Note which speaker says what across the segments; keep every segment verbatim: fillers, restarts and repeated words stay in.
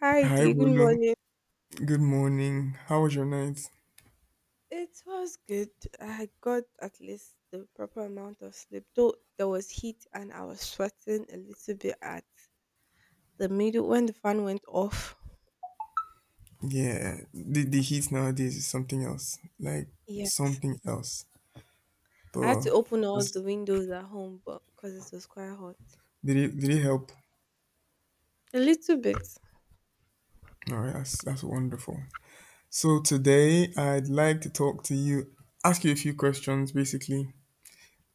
Speaker 1: Hi,
Speaker 2: Hi,
Speaker 1: Dee. Good
Speaker 2: Bolu,
Speaker 1: morning.
Speaker 2: good morning. How was your night?
Speaker 1: It was good. I got at least the proper amount of sleep, though there was heat and I was sweating a little bit at the middle when the fan went off.
Speaker 2: Yeah, the, the heat nowadays is something else. Like
Speaker 1: Yes.
Speaker 2: something else.
Speaker 1: I had to
Speaker 2: But
Speaker 1: open all the
Speaker 2: that's
Speaker 1: windows at home, but because it was quite hot.
Speaker 2: did it did it help?
Speaker 1: A little bit.
Speaker 2: Alright, that's that's wonderful. So today I'd like to talk to you, ask you a few questions basically,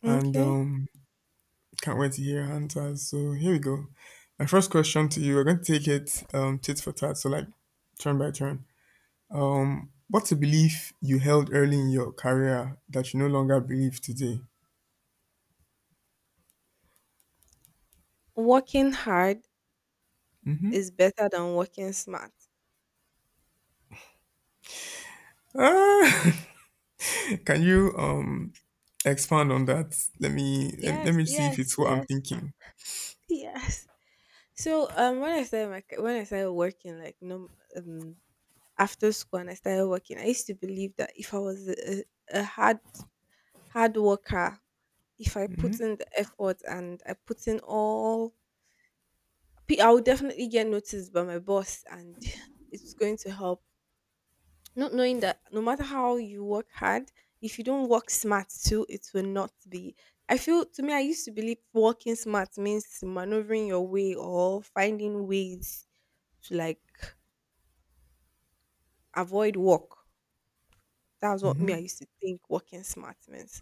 Speaker 2: and
Speaker 1: Okay.
Speaker 2: um can't wait to hear your answers. So here we go. My first question to you, we're going to take it um tit for tat, so like turn by turn. Um, what's a belief you held early in your career that you no longer believe today?
Speaker 1: Working hard is better than working smart.
Speaker 2: Ah, can you um expand on that? Let me let, me- let
Speaker 1: Yes,
Speaker 2: me see
Speaker 1: yes,
Speaker 2: if it's what I'm
Speaker 1: yes,
Speaker 2: thinking.
Speaker 1: yes. So um, when I started my ca- when I started working, like no um after school and I started working, I used to believe that if I was a, a hard hard worker, if I put in the effort and I put in all, pe- I would definitely get noticed by my boss, and it's going to help. Not knowing that no matter how you work hard, if you don't work smart too, it will not be. I feel to me, I used to believe working smart means maneuvering your way or finding ways to like avoid work. That was what me I used to think working smart means.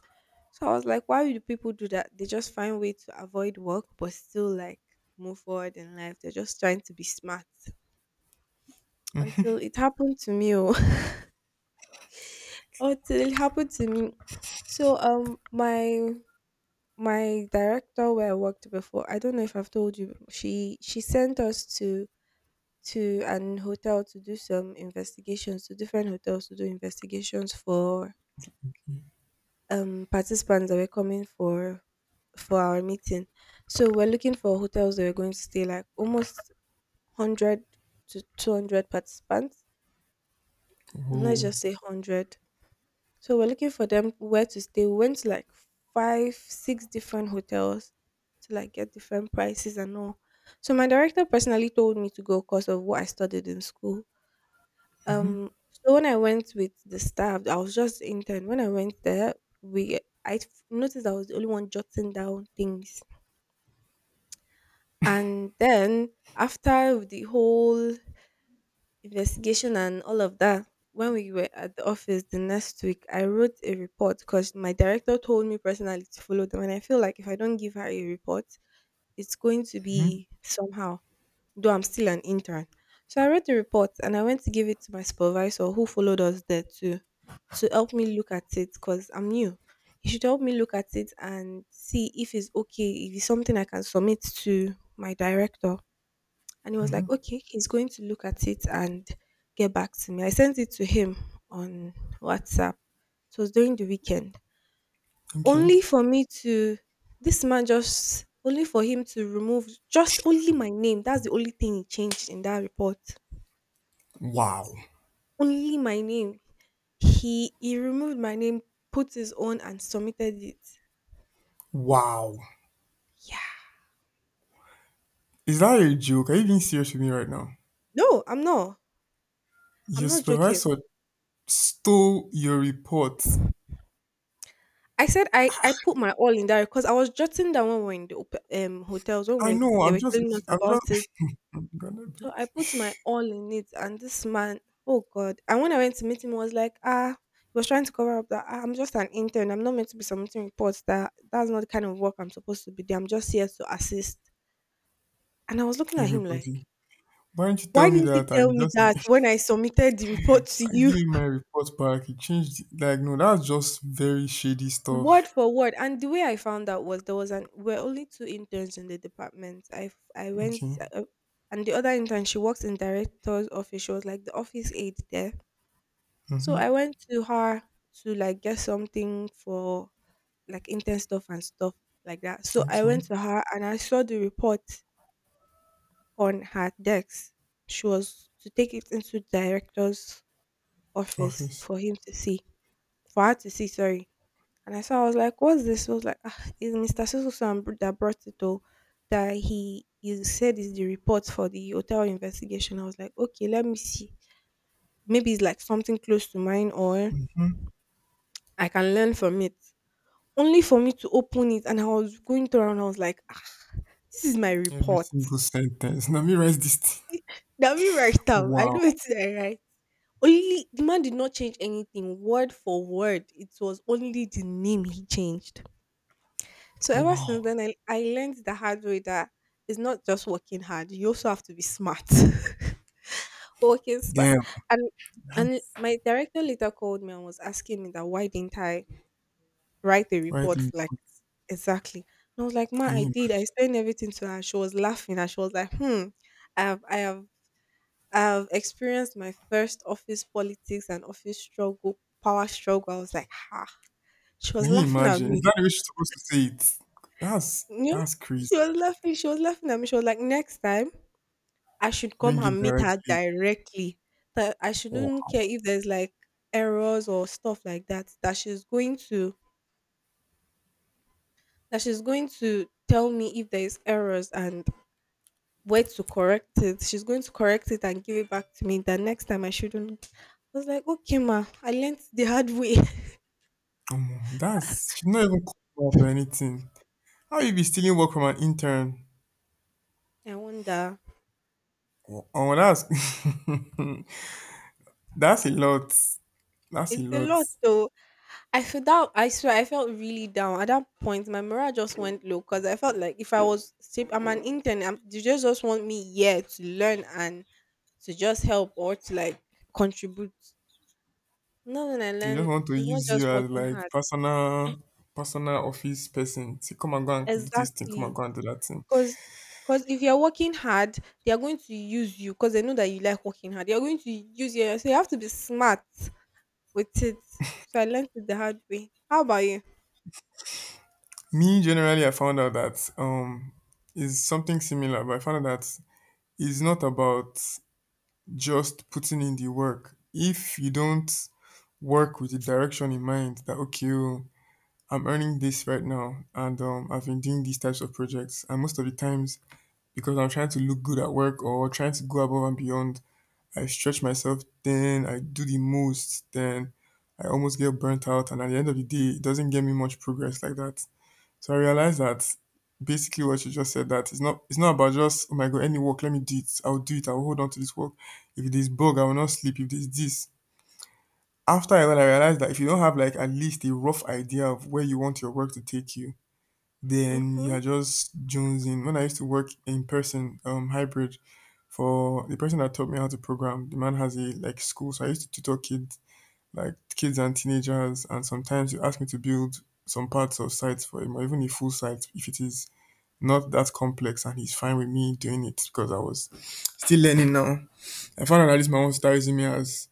Speaker 1: So I was like, why do people do that? They just find way to avoid work but still like move forward in life. They're just trying to be smart. Until it happened to me oh, until it happened to me. So um my my director where I worked before, I don't know if I've told you, she she sent us to to an hotel to do some investigations to different hotels to do investigations for um participants that were coming for for our meeting. So we're looking for hotels that we're going to stay like almost one hundred to two hundred participants. Let's
Speaker 2: Oh,
Speaker 1: just say one hundred. So we're looking for them where to stay. We went to like five, six different hotels to like get different prices and all. So my director personally told me to go because of what I studied in school. Um, so when I went with the staff, I was just intern. When I went there, we I f- noticed I was the only one jotting down things, and then after the whole investigation and all of that, when we were at the office the next week, I wrote a report because my director told me personally to follow them, and I feel like if I don't give her a report, it's going to be somehow, though I'm still an intern. So I read the report and I went to give it to my supervisor who followed us there too to help me look at it because I'm new. He should help me look at it and see if it's okay, if it's something I can submit to my director. And he was like, okay, he's going to look at it and get back to me. I sent it to him on WhatsApp. It was during the weekend,
Speaker 2: okay.
Speaker 1: only for me to— this man just only for him to remove— just only my name, that's the only thing he changed in that report.
Speaker 2: Wow,
Speaker 1: Only my name. He he removed my name, put his own and submitted it.
Speaker 2: wow.
Speaker 1: Yeah.
Speaker 2: Is that a joke? Are you being serious with me right now?
Speaker 1: No, I'm not. I'm
Speaker 2: Your
Speaker 1: not joking.
Speaker 2: supervisor stole your report.
Speaker 1: I said i i put my all in there because I was jotting down when we were in the op- um hotels when
Speaker 2: I
Speaker 1: we,
Speaker 2: know.
Speaker 1: they
Speaker 2: I'm
Speaker 1: were
Speaker 2: just.
Speaker 1: telling us
Speaker 2: I'm just.
Speaker 1: about it.
Speaker 2: I'm gonna
Speaker 1: So
Speaker 2: beg
Speaker 1: I put my all in it, and this man, oh God. And when I went to meet him, he was like, ah, he was trying to cover up that, "Ah, I'm just an intern. I'm not meant to be submitting reports. That that's not the kind of work I'm supposed to be doing. I'm just here to assist." And I was looking at him
Speaker 2: everybody.
Speaker 1: like,
Speaker 2: Why don't you
Speaker 1: why
Speaker 2: tell me
Speaker 1: didn't he
Speaker 2: that
Speaker 1: tell
Speaker 2: and
Speaker 1: me
Speaker 2: just?
Speaker 1: that when I submitted the report to
Speaker 2: I
Speaker 1: you?
Speaker 2: give him my report back. He changed it. Like, no, that's just very shady
Speaker 1: Word
Speaker 2: stuff.
Speaker 1: for word. And the way I found out was, there was an— we're only two interns in the department. I I went
Speaker 2: Okay.
Speaker 1: uh, and the other intern, she works in director's office. She was like the office aide there. So
Speaker 2: Mm-hmm.
Speaker 1: I went to her to like get something for like intern stuff and stuff like that. So I
Speaker 2: Okay.
Speaker 1: went to her and I saw the report on her desk. She was to take it into director's office
Speaker 2: Office.
Speaker 1: for him to see, for her to see. Sorry. And I saw. I was like, "What's this?" I was like, ah, "Is Mister So So that brought it though? That he he said is the report for the hotel investigation." I was like, "Okay, let me see. Maybe it's like something close to mine, or
Speaker 2: Mhm.
Speaker 1: I can learn from it." Only for me to open it and I was going through and I was like, ah, this is my
Speaker 2: Every
Speaker 1: report.
Speaker 2: single sentence. Let me write this thing.
Speaker 1: That me write down. I know
Speaker 2: Wow.
Speaker 1: it's I write. Only, the man did not change anything word for word. It was only the name he changed. So ever since
Speaker 2: Wow.
Speaker 1: then, I, I learned the hard way that it's not just working hard. You also have to be smart. Working smart.
Speaker 2: Damn.
Speaker 1: And and
Speaker 2: That's
Speaker 1: my director later called me and was asking me that why didn't I write a
Speaker 2: right.
Speaker 1: report,
Speaker 2: in-
Speaker 1: like, exactly. And I was like, ma,
Speaker 2: Can
Speaker 1: I
Speaker 2: you
Speaker 1: did. I
Speaker 2: imagine?
Speaker 1: explained everything to her. She was laughing and she was like, hmm, i have i have I have experienced my first office politics and office struggle, power struggle. I was like, ha, she was
Speaker 2: Can you
Speaker 1: laughing at
Speaker 2: imagine?
Speaker 1: me.
Speaker 2: Is that the way she's supposed to say it? That's
Speaker 1: Yeah,
Speaker 2: that's
Speaker 1: she
Speaker 2: crazy.
Speaker 1: was laughing she was laughing at me. She was like, next time I should come
Speaker 2: Bring it
Speaker 1: and meet her
Speaker 2: directly.
Speaker 1: directly, that I shouldn't
Speaker 2: Wow.
Speaker 1: care if there's like errors or stuff like that that she's going to— that she's going to tell me if there's errors and where to correct it. She's going to correct it and give it back to me. That next time I shouldn't. I was like, okay, ma, I learned the hard way.
Speaker 2: Omo, That's she's not even called out or anything. How you be stealing work from an intern?
Speaker 1: I wonder.
Speaker 2: Wow. Oh, that's that's a lot. That's a
Speaker 1: It's a
Speaker 2: lot.
Speaker 1: lot though. I feel that, I swear, I felt really down at that point. My morale just went low because I felt like, if I was cheap, I'm an intern. I'm— you just just want me here to learn and to just help or to like contribute. No, when I
Speaker 2: They just
Speaker 1: learn,
Speaker 2: want to
Speaker 1: it's not
Speaker 2: use
Speaker 1: just
Speaker 2: you as
Speaker 1: working
Speaker 2: like
Speaker 1: hard.
Speaker 2: personal personal office person. Say, come and go and do this thing, come and
Speaker 1: Exactly.
Speaker 2: go and do that thing.
Speaker 1: Because because if you're working hard, they are going to use you because they know that you like working hard. They are going to use you, so you have to be smart with it. So I learned it the hard way. How about you?
Speaker 2: Me generally, I found out that um is something similar, but I found out that it's not about just putting in the work. If you don't work with the direction in mind that okay, oh, I'm earning this right now, and um, I've been doing these types of projects, and most of the times because I'm trying to look good at work or trying to go above and beyond, I stretch myself, then I do the most, then I almost get burnt out. And at the end of the day, it doesn't get me much progress like that. So I realized that basically what you just said, that it's not it's not about just, oh my god, any work, let me do it, I'll do it, I'll hold on to this work, if there's bug I will not sleep, if there's this, after I, when I realized that if you don't have like at least a rough idea of where you want your work to take you, then
Speaker 1: Mm-hmm.
Speaker 2: you're just jonesing. When I used to work in person, um, hybrid, for the person that taught me how to program, the man has a like school, so I used to tutor kids, like kids and teenagers, and sometimes you ask me to build some parts of sites for him, or even a full site if it is not that complex, and he's fine with me doing it because I was still learning now. I found out that this man wants to start using me as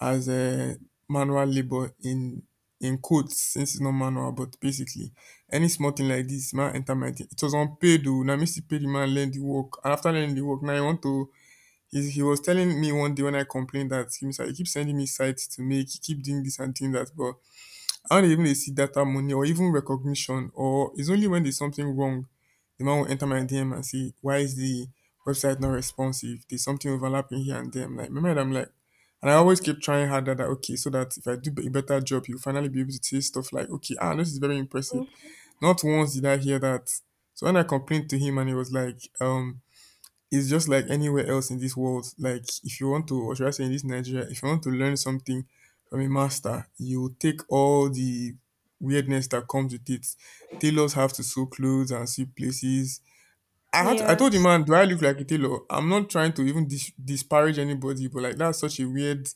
Speaker 2: as um manual labor, in in quotes, since it's not manual, but basically any small thing, like this man enter my day it was unpaid. Oh, now me still pay the man, learn the work, and after learning the work now he want to, he he was telling me one day when I complained that him sha he keep sending me sites to make, he keep doing this and doing that, but how dey even they see data money or even recognition. Or it's only when there's something wrong the man will enter my D M and say, why is the website not responsive? There's something overlapping here and there. I'm like, remember, I'm like, and I always keep trying harder, that okay, so that if I do a better job, you'll finally be able to say stuff like, okay, ah, this is very impressive. Not once did I hear that. So when I complained to him and he was like, um, it's just like anywhere else in this world. Like if you want to, or should I say in this Nigeria, if you want to learn something from a master, you take all the weirdness that comes with it. Tailors have to sew clothes and sew places. I had to, I told the
Speaker 1: Yes.
Speaker 2: man, do I look like a tailor? I'm not trying to even dis- disparage anybody, but like that's such a weird,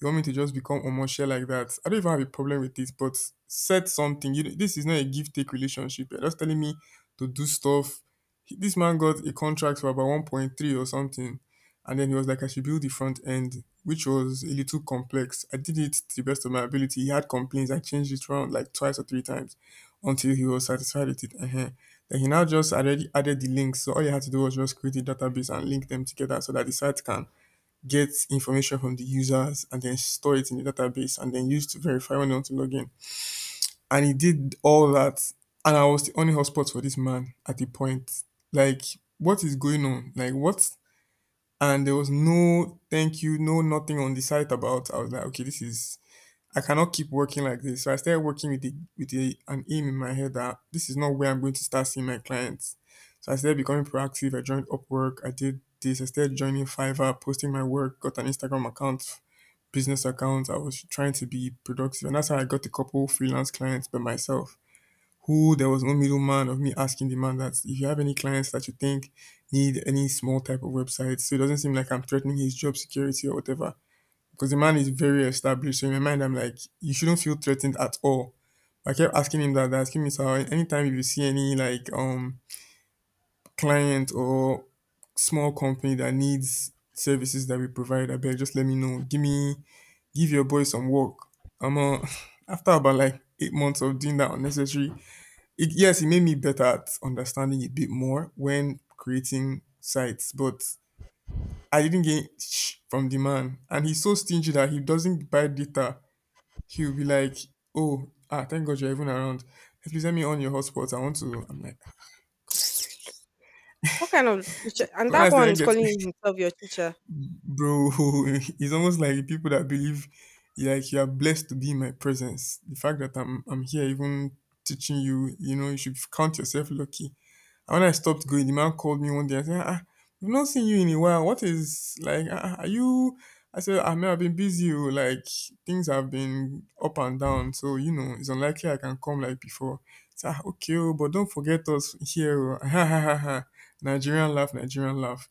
Speaker 2: you want me to just become omoshe like that? I don't even have a problem with this, but said something. You, this is not a give take relationship. You're just telling me to do stuff. He- This man got a contract for about one point three or something, and then he was like, I should build the front end, which was a little complex. I did it to the best of my ability. He had complaints. I changed it around like twice or three times until he was satisfied with it. uh Then he now just already added the links. So all you had to do was just create a database and link them together so that the site can get information from the users and then store it in the database and then use to verify when they want to log in. And he did all that. And I was the only hotspot for this man at the point. Like, what is going on? Like, what? And there was no thank you, no nothing on the site about. I was like, okay, this is I cannot keep working like this. So I started working with the with a, an aim in my head that this is not where I'm going to start seeing my clients. So I started becoming proactive. I joined Upwork. I did this. I started joining Fiverr, posting my work, got an Instagram account, business account. I was trying to be productive, and that's how I got a couple freelance clients by myself. Who there was no middleman of me asking the man that if you have any clients that you think need any small type of website, so it doesn't seem like I'm threatening his job security or whatever, because the man is very established. So in my mind, I'm like, you shouldn't feel threatened at all. I kept asking him that, asking me, sir, anytime if you see any like um client or small company that needs services that we provide, I better, just let me know. Give me, give your boy some work. I'm uh, After about like eight months of doing that unnecessary. It, yes, it made me better at understanding it a bit more when creating sites, but I didn't gain sh- from the man, and he's so stingy that he doesn't buy data, he'll be like, "Oh, ah, thank God you're even around. Hey, please let me on your hotspot. I want to." I'm like, "Ah, God, I beg."
Speaker 1: What kind of teacher?
Speaker 2: So
Speaker 1: And
Speaker 2: so when I
Speaker 1: that
Speaker 2: say
Speaker 1: one
Speaker 2: I
Speaker 1: is
Speaker 2: get,
Speaker 1: calling himself your teacher.
Speaker 2: bro, it's almost like people that believe, like you are blessed to be in my presence. The fact that I'm I'm here, even teaching you, you know, you should count yourself lucky. And when I stopped going, the man called me one day and said, ah, ah, we've not seen you in a while. What is, like, ah, ah, are you? I said, I mean, I've been busy. Oh, like, things have been up and down. So, you know, it's unlikely I can come like before. He said, ah, okay, oh, but don't forget us here. Oh." Ha, ha, ha, ha. Nigerian laugh, Nigerian laugh.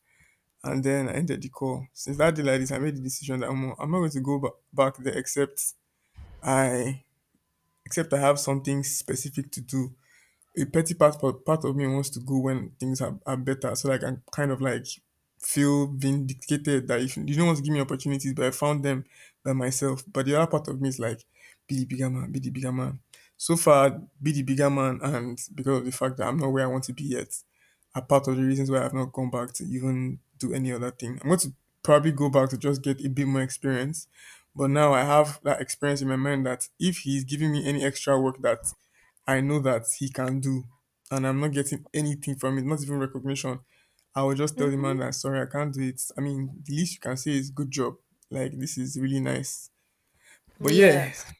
Speaker 2: And then I ended the call. Since that day, like this, I made the decision that I'm, I'm not going to go ba- back there, except I, except I have something specific to do. A petty part part of me wants to go when things are, are better, so like I can kind of like feel vindicated, that if you don't want to give me opportunities, but I found them by myself. But the other part of me is like, be the bigger man, be the bigger man. So far, be the bigger man, and because of the fact that I'm not where I want to be yet, are part of the reasons why I've not gone back to even do any other thing. I'm going to probably go back to just get a bit more experience. But now I have that experience in my mind that if he's giving me any extra work that I know that he can do, and I'm not getting anything from it, not even recognition, I will just tell the
Speaker 1: Mm-hmm.
Speaker 2: man that sorry, I can't do it. I mean, the least you can say is good job. Like, this is really nice. But yeah,
Speaker 1: Yes.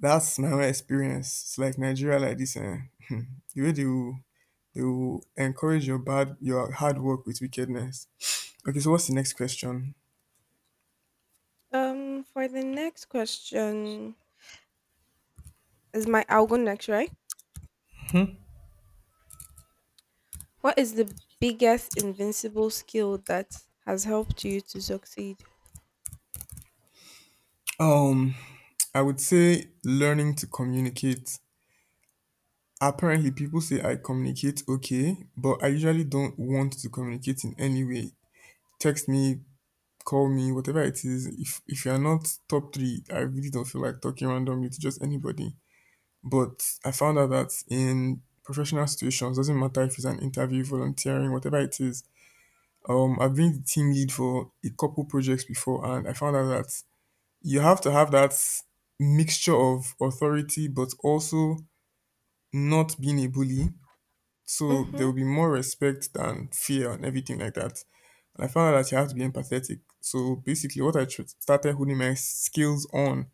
Speaker 2: that's my own experience. It's like Nigeria like this, eh? the way they will, they will encourage your bad your hard work with wickedness. Okay, so what's the next question?
Speaker 1: Um, for the next question, is my— I'll go next, right? What is the biggest invincible skill that has helped you to succeed?
Speaker 2: Um, I would say learning to communicate. Apparently, people say I communicate okay, but I usually don't want to communicate in any way. Text me, call me, whatever it is. If if you are not top three, I really don't feel like talking randomly to just anybody. But I found out that in professional situations, doesn't matter if it's an interview, volunteering, whatever it is. Um, I've been the team lead for a couple projects before, and I found out that you have to have that mixture of authority, but also not being a bully. So there
Speaker 1: Mm-hmm.
Speaker 2: will be more respect than fear and everything like that. And I found out that you have to be empathetic. So basically, what I tr- started honing my skills on,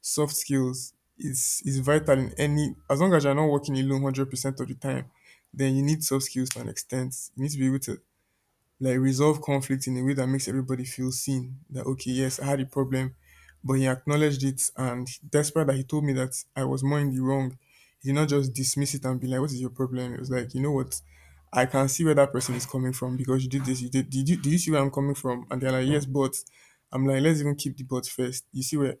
Speaker 2: soft skills, is is vital in any. As long as you're not working alone hundred percent of the time, then you need soft skills to an extent. You need to be able to like resolve conflict in a way that makes everybody feel seen, that okay, yes, I had a problem, but he acknowledged it, and despite that, he told me that I was more in the wrong. He did not just dismiss it and be like, what is your problem? It was like, you know what, I can see where that person is coming from because you did this, you did did you — do you see where I'm coming from? And they're like, yes, but I'm like, let's even keep the but first. You see where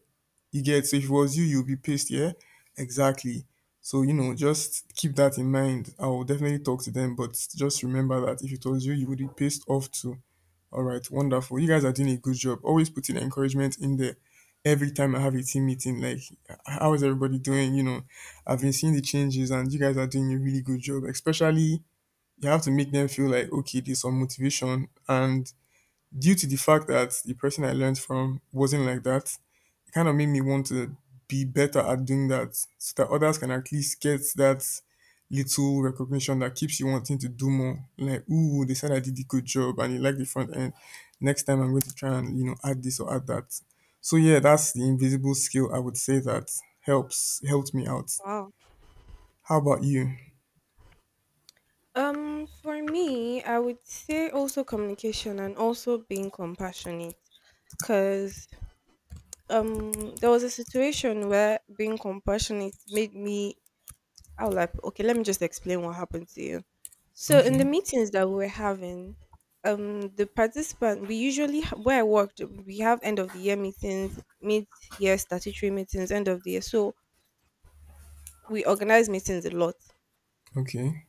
Speaker 2: you get? So if it was you, you'll be pissed, yeah? Exactly. So, you know, just keep that in mind. I will definitely talk to them, but just remember that if it was you, you would be pissed off too. All right, wonderful. You guys are doing a good job. Always putting encouragement in there. Every time I have a team meeting, like, how is everybody doing? You know, I've been seeing the changes, and you guys are doing a really good job. Especially, you have to make them feel like, okay, there's some motivation. And due to the fact that the person I learned from wasn't like that, kind of made me want to be better at doing that so that others can at least get that little recognition that keeps you wanting to do more. Like, ooh, they said I did a good job and you like the front end. Next time I'm going to try and, you know, add this or add that. So yeah, that's the invisible skill I would say that helps helped me out.
Speaker 1: Wow.
Speaker 2: How about you?
Speaker 1: Um, for me, I would say also communication and also being compassionate. Cause um, there was a situation where being compassionate made me— I was like, okay, let me just explain what happened to you. So in
Speaker 2: Okay.
Speaker 1: the meetings that we were having, um, the participant we usually ha- where I worked, we have end of the year meetings, mid year statutory meetings, end of the year. So we organize meetings a lot.
Speaker 2: Okay.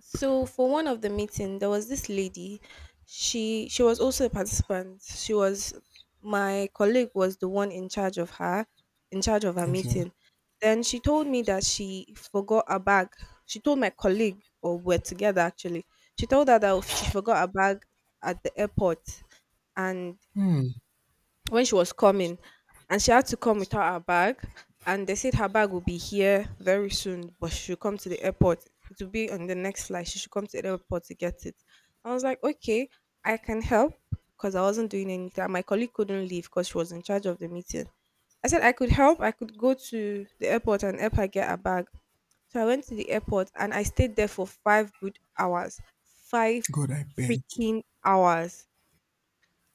Speaker 1: So for one of the meeting, there was this lady. She she was also a participant. She was— my colleague was the one in charge of her, in charge of her
Speaker 2: Okay.
Speaker 1: meeting. Then she told me that she forgot a bag. She told my colleague, or we're together actually. She told her that she forgot a bag at the airport, and
Speaker 2: Hmm.
Speaker 1: when she was coming and she had to come without her bag, and they said her bag will be here very soon but she should come to the airport. It will be on the next flight. She should come to the airport to get it. I was like, okay, I can help, because I wasn't doing anything and my colleague couldn't leave because she was in charge of the meeting. I said I could help. I could go to the airport and help her get her bag. So I went to the airport and I stayed there for five good hours. five
Speaker 2: God, I beg.
Speaker 1: freaking hours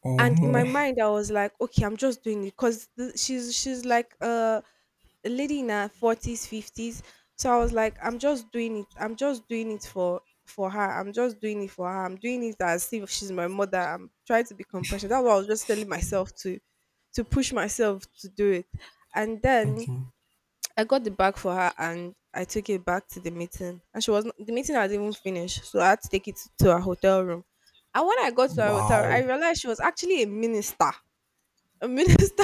Speaker 2: Or
Speaker 1: And in my
Speaker 2: more.
Speaker 1: mind I was like, okay, I'm just doing it because she's she's like uh, a lady in her forties, fifties. So I was like, I'm just doing it. I'm just doing it for for her. I'm just doing it for her. I'm doing it as if she's my mother. I'm trying to be compassionate. That's what I was just telling myself, to to push myself to do it. And then
Speaker 2: Okay.
Speaker 1: I got the bag for her and I took it back to the meeting, and she was not- the meeting hadn't even finished, so I had to take it to her hotel room. And when I got to her hotel, I
Speaker 2: Wow.
Speaker 1: realized she was actually a minister. A minister.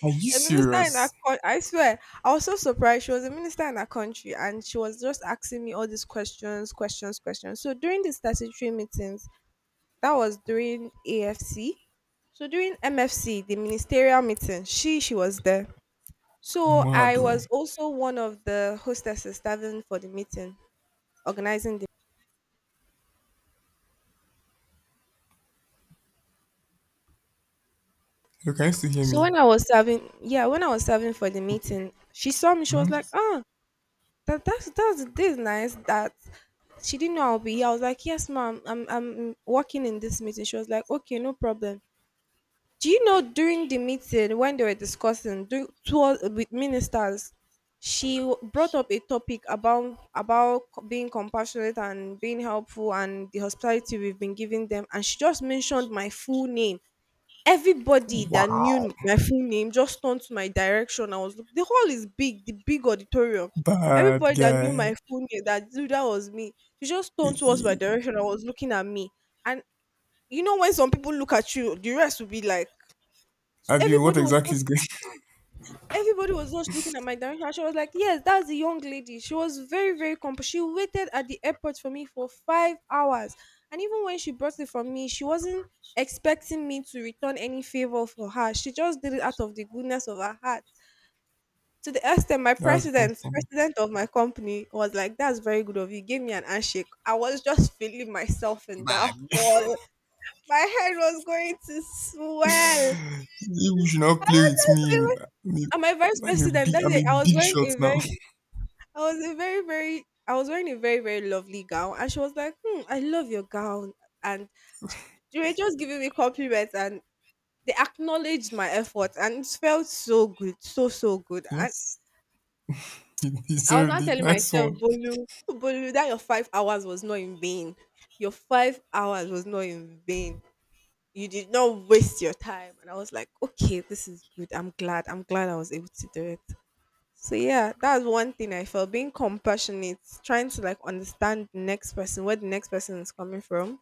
Speaker 2: Are you
Speaker 1: A minister in our
Speaker 2: serious?
Speaker 1: country. I swear, I was so surprised. She was a minister in our country, and she was just asking me all these questions, questions, questions. So during the statutory meetings, that was during A F C. So during M F C, the ministerial meeting, she she was there. So I
Speaker 2: Mado.
Speaker 1: was also one of the hostesses serving for the meeting, organizing the...
Speaker 2: Look, can you still hear
Speaker 1: So when
Speaker 2: me?
Speaker 1: I was serving, yeah, when I was serving for the
Speaker 2: Okay.
Speaker 1: meeting, she saw me. She was
Speaker 2: Mhm.
Speaker 1: like, "Ah, that that's that's this is nice." That she didn't know I'll be here. I was like, "Yes, ma'am, I'm I'm working in this meeting." She was like, "Okay, no problem." Do you know, during the meeting when they were discussing do, tour, with ministers, she w- brought up a topic about about c- being compassionate and being helpful and the hospitality we've been giving them, and she just mentioned my full name. Everybody that
Speaker 2: Wow,
Speaker 1: knew my full name just turned to my direction. I was look, the hall is big, the big auditorium.
Speaker 2: bad
Speaker 1: Everybody that knew
Speaker 2: guy.
Speaker 1: my full name, that knew that was me, they just turned towards my direction. I was looking at me. And you know when some people look at you, the rest will be like... So
Speaker 2: Abi, what
Speaker 1: everybody was
Speaker 2: exactly
Speaker 1: just...
Speaker 2: is going?
Speaker 1: everybody was just looking at my direction. And she was like, "Yes, that's the young lady. She was very, very comp-. She waited at the airport for me for five hours. And even when she bought it from me, she wasn't expecting me to return any favor for her. She just did it out of the goodness of her heart." To the extent my
Speaker 2: That's
Speaker 1: president,
Speaker 2: awesome.
Speaker 1: president of my company, was like, "That's very good of you." Gave me an handshake. I was just feeling myself in that
Speaker 2: Bad.
Speaker 1: hall. My head was going to swell.
Speaker 2: You should not
Speaker 1: I
Speaker 2: play
Speaker 1: was
Speaker 2: with
Speaker 1: just
Speaker 2: me.
Speaker 1: feeling-
Speaker 2: I'm
Speaker 1: and my vice
Speaker 2: a, I'm a
Speaker 1: president
Speaker 2: big,
Speaker 1: that
Speaker 2: I'm
Speaker 1: day,
Speaker 2: a
Speaker 1: I was
Speaker 2: big
Speaker 1: wearing
Speaker 2: shot
Speaker 1: a
Speaker 2: now.
Speaker 1: very... I was a very, very, I was wearing a very, very lovely gown, and she was like, "Hmm, I love your gown," and sh-, they were just giving me compliments, and they acknowledged my effort, and it felt so good, so so good. And
Speaker 2: Yes, you
Speaker 1: I was
Speaker 2: deserved
Speaker 1: not
Speaker 2: it.
Speaker 1: telling
Speaker 2: Nice
Speaker 1: myself,
Speaker 2: one.
Speaker 1: "Bolu, Bolu, that your five hours was not in vain. Your five hours was not in vain. You did not waste your time." And I was like, okay, this is good. I'm glad. I'm glad I was able to do it. So yeah, that's one thing I felt, being compassionate, trying to like understand the next person, where the next person is coming from.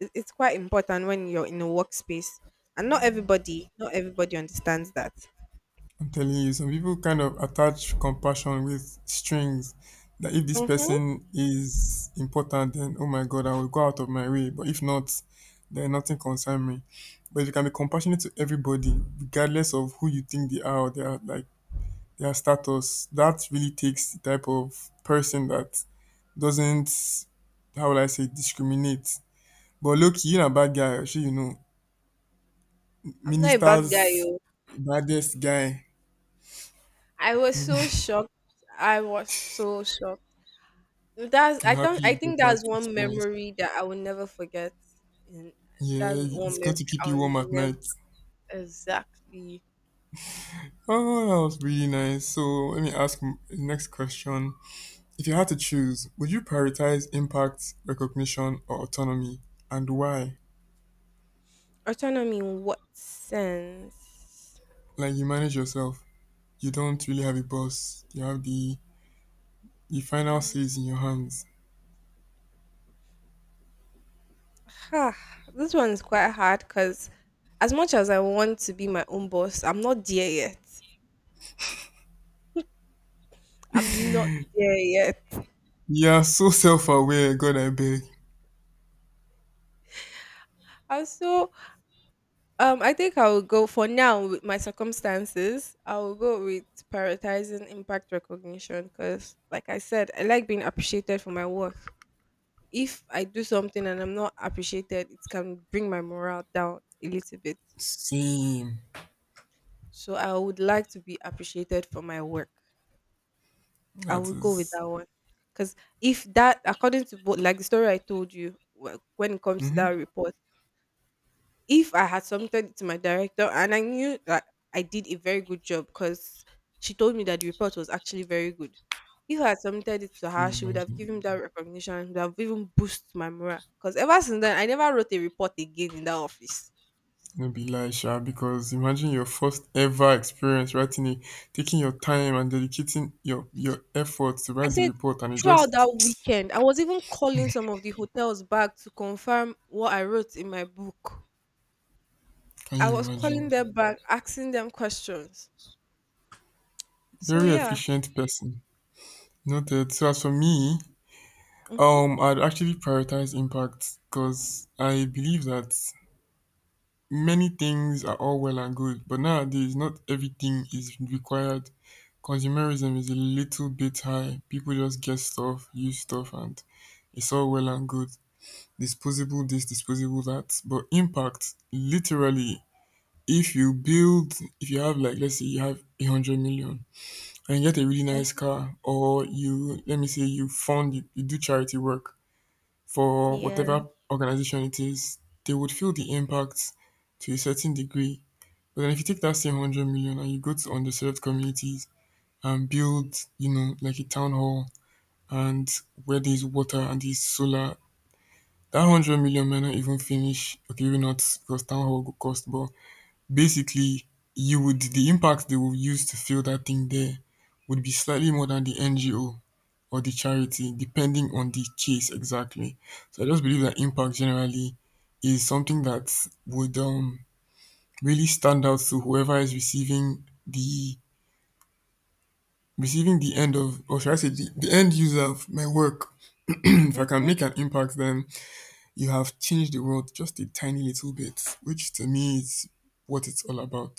Speaker 1: it- It's quite important when you're in a workspace, and not everybody, not everybody understands that.
Speaker 2: I'm telling you, some people kind of attach compassion with strings that if this
Speaker 1: Mm-hmm.
Speaker 2: person is important, then oh my God, I will go out of my way. But if not, then nothing concerns me. But if you can be compassionate to everybody, regardless of who you think they are or their like their status, that really takes the type of person that doesn't — how will I say — discriminate. But look, you're a bad guy, actually, you know.
Speaker 1: I'm not a bad guy,
Speaker 2: Minister's
Speaker 1: yo.
Speaker 2: baddest guy.
Speaker 1: I was so shocked. I was so shocked. That's
Speaker 2: I'm
Speaker 1: I don't
Speaker 2: happy
Speaker 1: I
Speaker 2: you
Speaker 1: think
Speaker 2: got that
Speaker 1: that's one
Speaker 2: experience.
Speaker 1: memory that I will never forget. And that's
Speaker 2: Yeah,
Speaker 1: one
Speaker 2: it's
Speaker 1: memory
Speaker 2: going to keep
Speaker 1: I
Speaker 2: you
Speaker 1: will
Speaker 2: warm at
Speaker 1: never...
Speaker 2: night.
Speaker 1: exactly.
Speaker 2: Oh, that was really nice. So let me ask m- the next question. If you had to choose, would you prioritize impact, recognition, or autonomy, and why?
Speaker 1: Autonomy in what sense?
Speaker 2: Like you manage yourself. You don't really have a boss. You have the the final say is in your hands.
Speaker 1: Ha, this one's quite hard because as much as I want to be my own boss, I'm not there yet. I'm not there yet.
Speaker 2: You are so self-aware. God, I beg.
Speaker 1: And so um I think I will go, for now with my circumstances, I will go with prioritizing impact recognition, because like I said, I like being appreciated for my work. If I do something and I'm not appreciated, it can bring my morale down a little bit.
Speaker 2: Same.
Speaker 1: So I would like to be appreciated for my work. I
Speaker 2: That
Speaker 1: will go with
Speaker 2: is.
Speaker 1: that one. Because if that, according to what, like the story I told you, wh- when it comes to
Speaker 2: Mm-hmm.
Speaker 1: that report, if I had submitted it to my director and I knew that I did a very good job because she told me that the report was actually very good. If I had submitted it to
Speaker 2: Can
Speaker 1: her,
Speaker 2: you
Speaker 1: she would have
Speaker 2: imagine?
Speaker 1: given me that recognition and would have even boosted my morale. Because ever since then, I never wrote a report again in that office.
Speaker 2: No be lie sha, because imagine your first ever experience writing a, taking your time and dedicating your your effort to
Speaker 1: I
Speaker 2: write the
Speaker 1: said
Speaker 2: report, and it
Speaker 1: throughout
Speaker 2: just —
Speaker 1: that weekend, I was even calling some of the hotels back to confirm what I wrote in my book.
Speaker 2: can
Speaker 1: I
Speaker 2: you
Speaker 1: was
Speaker 2: imagine?
Speaker 1: calling them back, asking them questions. So
Speaker 2: Very
Speaker 1: yeah.
Speaker 2: efficient person. Noted. So as for me,
Speaker 1: Mhm.
Speaker 2: um, I'd actually prioritize impact because I believe that many things are all well and good, but nowadays not everything is required. Consumerism is a little bit high. People just get stuff, use stuff, and it's all well and good. Disposable this, disposable that, but impact literally, if you build, if you have like, let's say you have a hundred million and you get a really nice
Speaker 1: Mhm.
Speaker 2: car, or you let me say you fund you, you do charity work for
Speaker 1: Yeah.
Speaker 2: whatever organization it is, they would feel the impact to a certain degree. But then if you take that same hundred million and you go to underserved communities and build, you know, like a town hall, and where there's water and there's solar, that one hundred million may not even finish. Okay, maybe not, because town hall go cost, but basically you would — the impact they will use to fill that thing there would be slightly more than the NGO or the charity, depending on the case. Exactly. So I just believe that impact generally is something that would um really stand out to whoever is receiving the receiving the end of, or should I say the, the end user of my work. If I can
Speaker 1: Mhm.
Speaker 2: make an impact, then you have changed the world just a tiny little bit, which to me is what it's all about.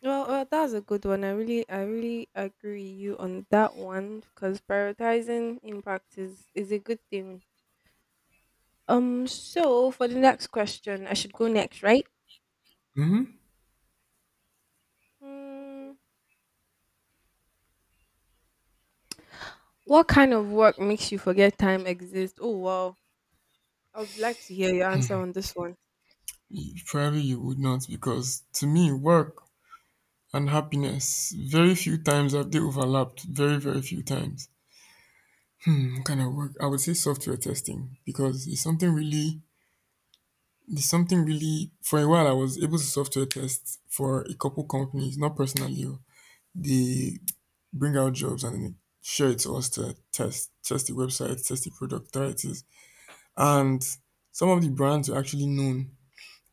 Speaker 1: Well, well, that's a good one. I really, I really agree with you on that one because prioritizing impact is is a good thing. Um. So for the next question, I should go next, right?
Speaker 2: Mhm.
Speaker 1: Hmm. What kind of work makes you forget time exists? Oh wow! I would like to hear your answer on this one.
Speaker 2: Probably you would not, because to me, work and happiness, very few times have they overlapped. Very, very few times. Hmm, what kind of work? I would say software testing because it's something really, it's something really. For a while, I was able to software test for a couple companies, not personally. Oh. They bring out jobs and share it to us to test, test the website, test the product, try it. And some of the brands are actually known.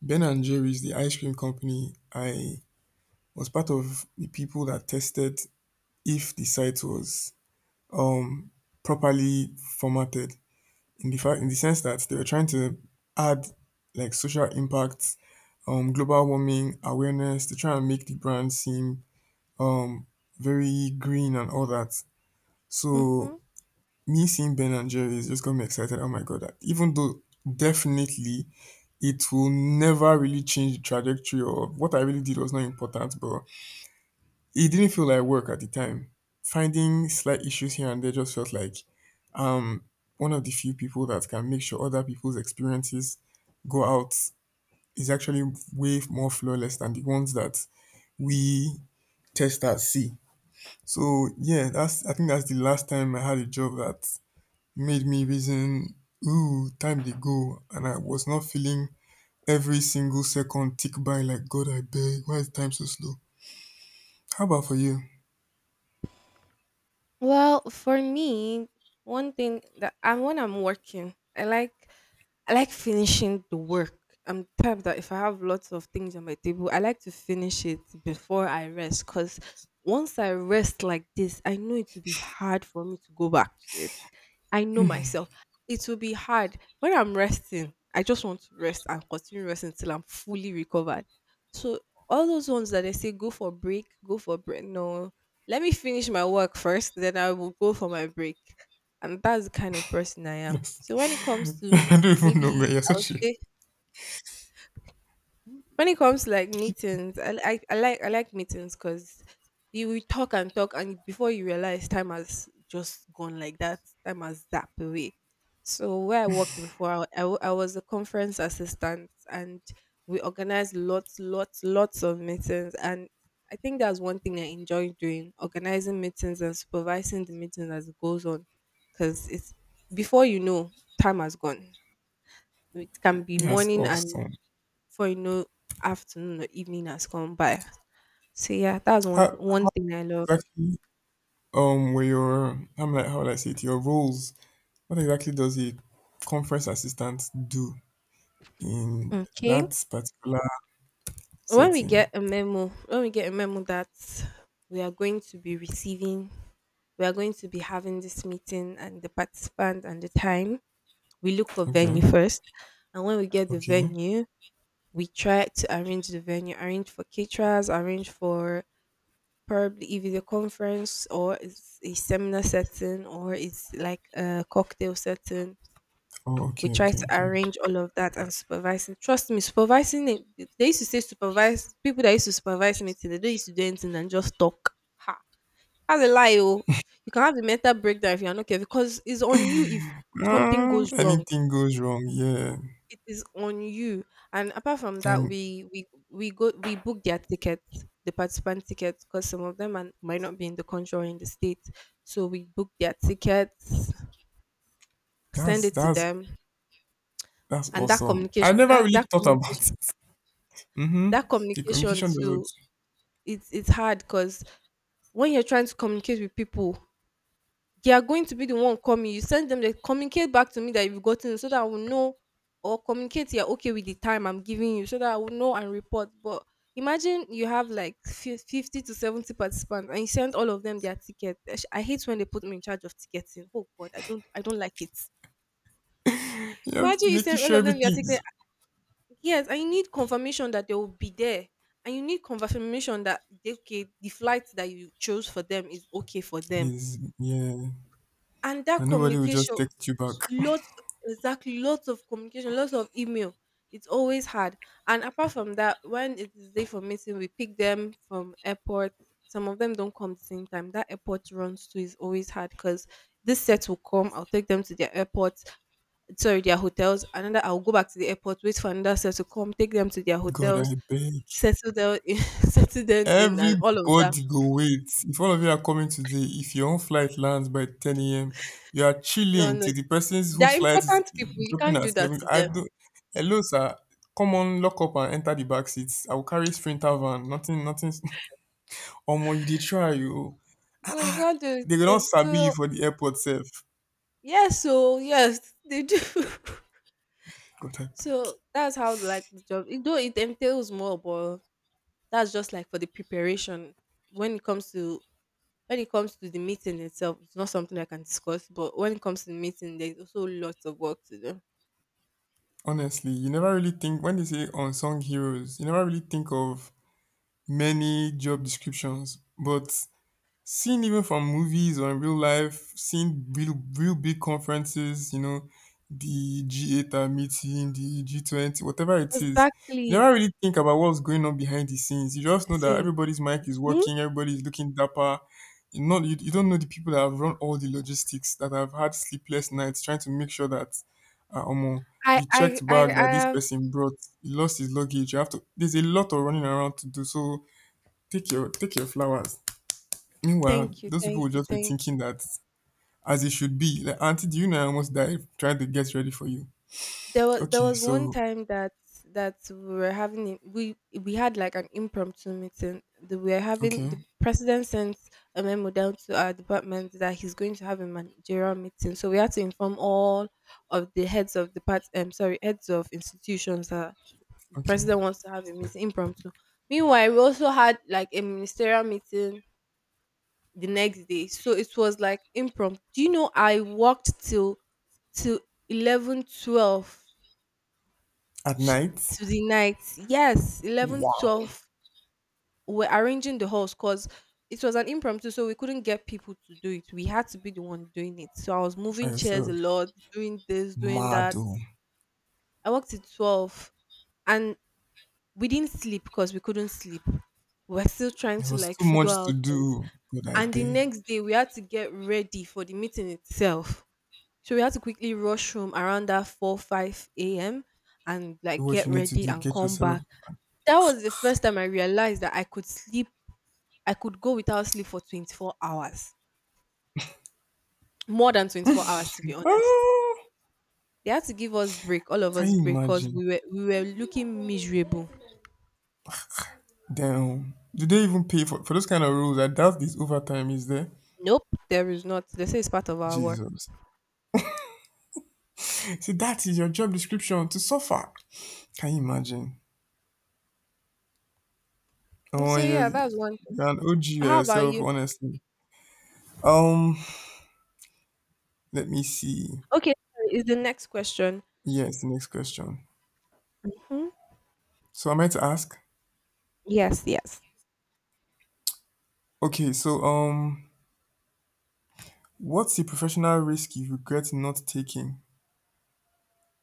Speaker 2: Ben and Jerry's, the ice cream company, I was part of the people that tested if the site was um, properly formatted. In the fact, in the sense that they were trying to add like social impact, um, global warming awareness to try and make the brand seem um very green and all that. So
Speaker 1: Mhm.
Speaker 2: me seeing Ben and Jerry's just got me excited. Oh my god! Even though definitely it will never really change the trajectory of what I really did was not important, but it didn't feel like work at the time. Finding slight issues here and there just felt like um one of the few people that can make sure other people's experiences go out is actually way more flawless than the ones that we testers see. So yeah, that's — I think that's the last time I had a job that made me reason, ooh, time they go, and I was not feeling every single second tick by like, god I beg, why is time so slow? How about for you?
Speaker 1: Well, for me, one thing that I when I'm working, I like... I like finishing the work. I'm the type that if I have lots of things on my table, I like to finish it before I rest. Cause once I rest like this, I know it will be hard for me to go back to it. I know myself. It will be hard when I'm resting. I just want to rest and continue resting till I'm fully recovered. So all those ones that they say, "Go for break, go for break." No, let me finish my work first, then I will go for my break, and that's the kind of person I am.
Speaker 2: Yes.
Speaker 1: So when it comes
Speaker 2: I
Speaker 1: to...
Speaker 2: don't even know,
Speaker 1: maybe
Speaker 2: man, you're
Speaker 1: I would
Speaker 2: such a —
Speaker 1: say when it comes to like meetings, I, I, I like I like meetings because you will talk and talk, and before you realize, time has just gone like that. Time has zapped away. So where I worked before, I, I, wa- I was a conference assistant, and we organized lots, lots, lots of meetings. And I think that's one thing I enjoy doing: organizing meetings and supervising the meeting as it goes on, because it's... before you know, time has gone. It can be
Speaker 2: that's
Speaker 1: morning, and
Speaker 2: awesome.
Speaker 1: before you know, afternoon or evening has come by. So yeah, that's one
Speaker 2: How
Speaker 1: one thing I love.
Speaker 2: exactly um were your, I'm like, how would I say it, your roles? What exactly does a conference assistant do in
Speaker 1: Okay.
Speaker 2: that particular
Speaker 1: When we
Speaker 2: setting?
Speaker 1: get a memo, when we get a memo that we are going to be receiving, we are going to be having this meeting and the participant and the time, we look for venue
Speaker 2: Okay.
Speaker 1: first. And when we get the
Speaker 2: Okay.
Speaker 1: venue, we try to arrange the venue, arrange for caterers, arrange for, probably if it's a conference or it's a seminar setting or it's like a cocktail setting,
Speaker 2: Oh,
Speaker 1: we
Speaker 2: okay,
Speaker 1: try
Speaker 2: okay,
Speaker 1: to
Speaker 2: okay.
Speaker 1: arrange all of that, and supervising. Trust me, supervising it, they used to say supervise people that used to supervise meeting, they don't used to do anything and just talk. Ha. That's a lie, oh. You can have a mental breakdown if you're not careful, because it's on you if something
Speaker 2: um,
Speaker 1: goes wrong.
Speaker 2: anything goes wrong, yeah?
Speaker 1: It is on you. And apart from that,
Speaker 2: And
Speaker 1: we we we go we book their tickets, the participant tickets, because some of them are, might not be in the country or in the state. So we book their tickets, send
Speaker 2: that's
Speaker 1: it to
Speaker 2: that's
Speaker 1: them,
Speaker 2: that's
Speaker 1: and that
Speaker 2: awesome. I
Speaker 1: communication,
Speaker 2: never
Speaker 1: that that
Speaker 2: really thought about
Speaker 1: communication...
Speaker 2: it. Mm-hmm.
Speaker 1: that
Speaker 2: The
Speaker 1: communication
Speaker 2: communication doesn't.
Speaker 1: too, it's it's hard because when you're trying to communicate with people, they are going to be the one coming. You send them, they communicate back to me that you've gotten it so that I will know, or communicate you're okay with the time I'm giving you so that I will know and report. But imagine you have like fif-, fifty to seventy participants, and you send all of them their ticket. Esh, I hate when they put me in charge of ticketing. Oh god, I don't I don't like it.
Speaker 2: You have to
Speaker 1: Imagine you
Speaker 2: making
Speaker 1: send all
Speaker 2: sure
Speaker 1: of them their
Speaker 2: everything
Speaker 1: ticket.
Speaker 2: is,
Speaker 1: Yes, and you need confirmation that they will be there. And you need confirmation that they-, okay, the flight that you chose for them is okay for them.
Speaker 2: is yeah.
Speaker 1: And that
Speaker 2: And nobody will just
Speaker 1: communication,
Speaker 2: text you back.
Speaker 1: lots... exactly, lots of communication, lots of email. It's always hard. And apart from that, when it is day for meeting, we pick them from airport. Some of them don't come at the same time. That airport runs too is always hard, because this set will come. I'll take them to their airport, sorry, their hotels. Another, I'll go back to the airport, wait for another set to come, take them to their
Speaker 2: God,
Speaker 1: hotels,
Speaker 2: I beg.
Speaker 1: settle them in, settle them in, and all of that.
Speaker 2: Everybody go wait. If all of you are coming today, if your own flight lands by ten a m, you are
Speaker 1: No,
Speaker 2: chilling
Speaker 1: no,
Speaker 2: till the person
Speaker 1: they're
Speaker 2: whose flight is
Speaker 1: important people. You
Speaker 2: dropping
Speaker 1: can't
Speaker 2: at
Speaker 1: do that
Speaker 2: seven.
Speaker 1: to
Speaker 2: I
Speaker 1: them.
Speaker 2: do. Hello, sir. Come on, lock up and enter the back seats. I will carry sprinter van. Nothing, nothing. Omo, you dey try you.
Speaker 1: No, you can't do it
Speaker 2: They go
Speaker 1: to
Speaker 2: not
Speaker 1: them.
Speaker 2: sabi you
Speaker 1: So
Speaker 2: for the airport safe.
Speaker 1: yes, so yes, they do.
Speaker 2: God, I beg.
Speaker 1: So that's how like the job. It, though it entails more, but that's just like for the preparation. When it comes to... when it comes to the meeting itself, it's not something I can discuss. But when it comes to the meeting, there's also lots of work to do.
Speaker 2: Honestly, you never really think — when they say unsung heroes, you never really think of many job descriptions, but seen even from movies or in real life, seen real, real big conferences, you know, the G eight are meeting, the G twenty, whatever it is. You
Speaker 1: Exactly.
Speaker 2: never really think about what's going on behind the scenes. You just know that
Speaker 1: Sing.
Speaker 2: everybody's mic is
Speaker 1: Hmm?
Speaker 2: working, everybody's looking dapper. You not you, you don't know the people that have run all the logistics that have had sleepless nights trying to make sure that uh, um,
Speaker 1: I
Speaker 2: the
Speaker 1: I
Speaker 2: checked
Speaker 1: I
Speaker 2: bag
Speaker 1: I
Speaker 2: that this
Speaker 1: have...
Speaker 2: person brought, he lost his luggage. You have to — there's a lot of running around to do. So take your take your flowers. Meanwhile,
Speaker 1: Thank you,
Speaker 2: those people
Speaker 1: thank
Speaker 2: will
Speaker 1: you,
Speaker 2: just be
Speaker 1: thank-,
Speaker 2: thinking that as it should be, like, Auntie, do you know I almost died trying to get ready for you?
Speaker 1: there was there
Speaker 2: Okay,
Speaker 1: was one
Speaker 2: so,
Speaker 1: time that that we were having a-, we we had like an impromptu meeting. The, we were having
Speaker 2: okay,
Speaker 1: the president sent a memo down to our department that he's going to have a managerial meeting. So we had to inform all of the heads of depart um sorry heads of institutions that the
Speaker 2: okay.
Speaker 1: president wants to have a meeting impromptu. Meanwhile, we also had like a ministerial meeting the next day. So it was like impromptu. Do you know I worked till till eleven twelve
Speaker 2: At
Speaker 1: t-
Speaker 2: night.
Speaker 1: to the night. Yes, eleven, twelve,
Speaker 2: Wow.
Speaker 1: we're arranging the halls because it was an impromptu, so we couldn't get people to do it. We had to be the one doing it. So I was
Speaker 2: By
Speaker 1: moving chairs a
Speaker 2: yourself,
Speaker 1: lot, doing this, doing
Speaker 2: mad
Speaker 1: that.
Speaker 2: though.
Speaker 1: I worked at twelve, and we didn't sleep because we couldn't sleep. We were still trying
Speaker 2: There
Speaker 1: to
Speaker 2: was
Speaker 1: like
Speaker 2: too
Speaker 1: figure
Speaker 2: much to
Speaker 1: out things.
Speaker 2: do, but I
Speaker 1: And the
Speaker 2: beg,
Speaker 1: next day, we had to get ready for the meeting itself. So we had to quickly rush home around that four five a m and
Speaker 2: do
Speaker 1: like
Speaker 2: what
Speaker 1: get
Speaker 2: you need to
Speaker 1: ready
Speaker 2: do,
Speaker 1: and
Speaker 2: get
Speaker 1: come
Speaker 2: yourself.
Speaker 1: back. That was the first time I realized that I could sleep I could go without sleep for twenty-four hours. More than twenty-four hours, to be honest.
Speaker 2: Ah,
Speaker 1: They had to give us break, all of
Speaker 2: can
Speaker 1: us
Speaker 2: you
Speaker 1: break, because
Speaker 2: imagine?
Speaker 1: we were we were looking miserable.
Speaker 2: Damn. Do they even pay for, for those kind of rules? I doubt this overtime is there.
Speaker 1: Nope, there is not. They say it's part of our work.
Speaker 2: Jesus. See, that is your job description to suffer. Can you imagine?
Speaker 1: Mm.
Speaker 2: Oh,
Speaker 1: So
Speaker 2: you're,
Speaker 1: yeah, that's one thing.
Speaker 2: you're an O G by
Speaker 1: How about
Speaker 2: yourself,
Speaker 1: you?
Speaker 2: honestly. Um, let me see.
Speaker 1: Okay, sorry, is the next question.
Speaker 2: Yes, the next question.
Speaker 1: Hmm?
Speaker 2: So am I to ask?
Speaker 1: Yes, yes.
Speaker 2: Okay, so um, what's the professional risk you regret not taking?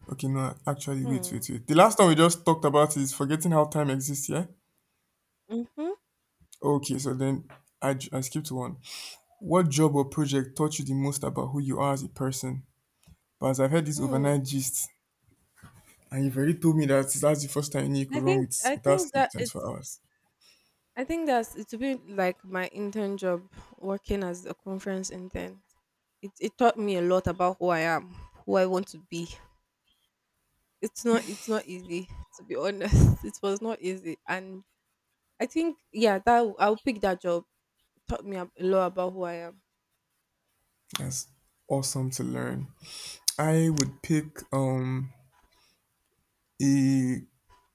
Speaker 2: Okay, no, actually, wait,
Speaker 1: Hmm.
Speaker 2: wait, wait. The last one we just talked about is forgetting how time exists, yeah?
Speaker 1: Mm-hmm.
Speaker 2: Okay, so then I, j- I skipped one. What job or project taught you the most about who you are as a person? But as I've heard this
Speaker 1: Hmm.
Speaker 2: overnight gist, and you've already told me that that's the first time you
Speaker 1: I
Speaker 2: could run
Speaker 1: think
Speaker 2: with,
Speaker 1: I
Speaker 2: without
Speaker 1: think
Speaker 2: sleep
Speaker 1: that it's,
Speaker 2: twenty-four hours.
Speaker 1: I think that's, it will be like my intern job working as a conference intern. It it taught me a lot about who I am, who I want to be. It's not it's not easy, to be honest. It was not easy, and I think yeah, that I'll pick that job. Taught me a lot about who I am.
Speaker 2: That's awesome to learn. I would pick um, a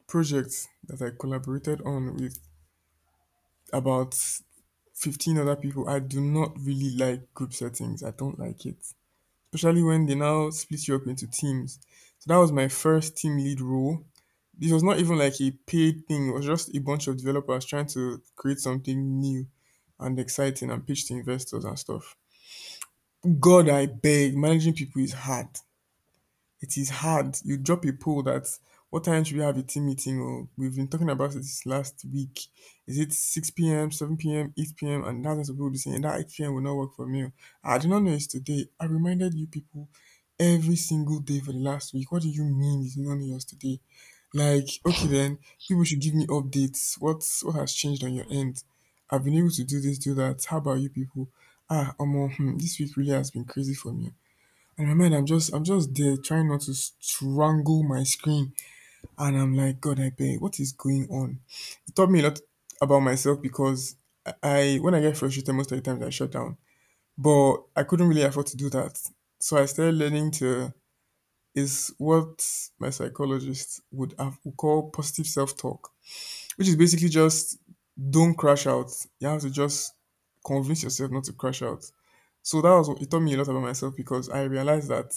Speaker 2: project that I collaborated on with about fifteen other people. I do not really like group settings, I don't like it, especially when they now split you up into teams. So that was my first team lead role. This was not even like a paid thing, it was just a bunch of developers trying to create something new and exciting and pitch to investors and stuff. God, I beg, managing people is hard. It is hard. You drop a poll that what time should we have a team meeting? Or we've been talking about it this last week. Is it six p m, seven p m, eight p m? And thousands of people will be saying that eight p m will not work for me. Oh, I did not know it's today. I reminded you people every single day for the last week. What do you mean it's not yours today? Like, okay then, people should give me updates. What's what has changed on your end? I've been able to do this, do that. How about you people? Ah, Omo, hmm, this week really has been crazy for me. And in my mind, i'm just i'm just there trying not to strangle my screen, and I'm like, God, I beg, what is going on? It taught me a lot about myself because i I- when I get frustrated most of the times I shut down, but I couldn't really afford to do that, so I started learning to, is what my psychologist would have would call positive self-talk, which is basically just, don't crash out, you have to just convince yourself not to crash out. So that was what it taught me a lot about myself, because I realized that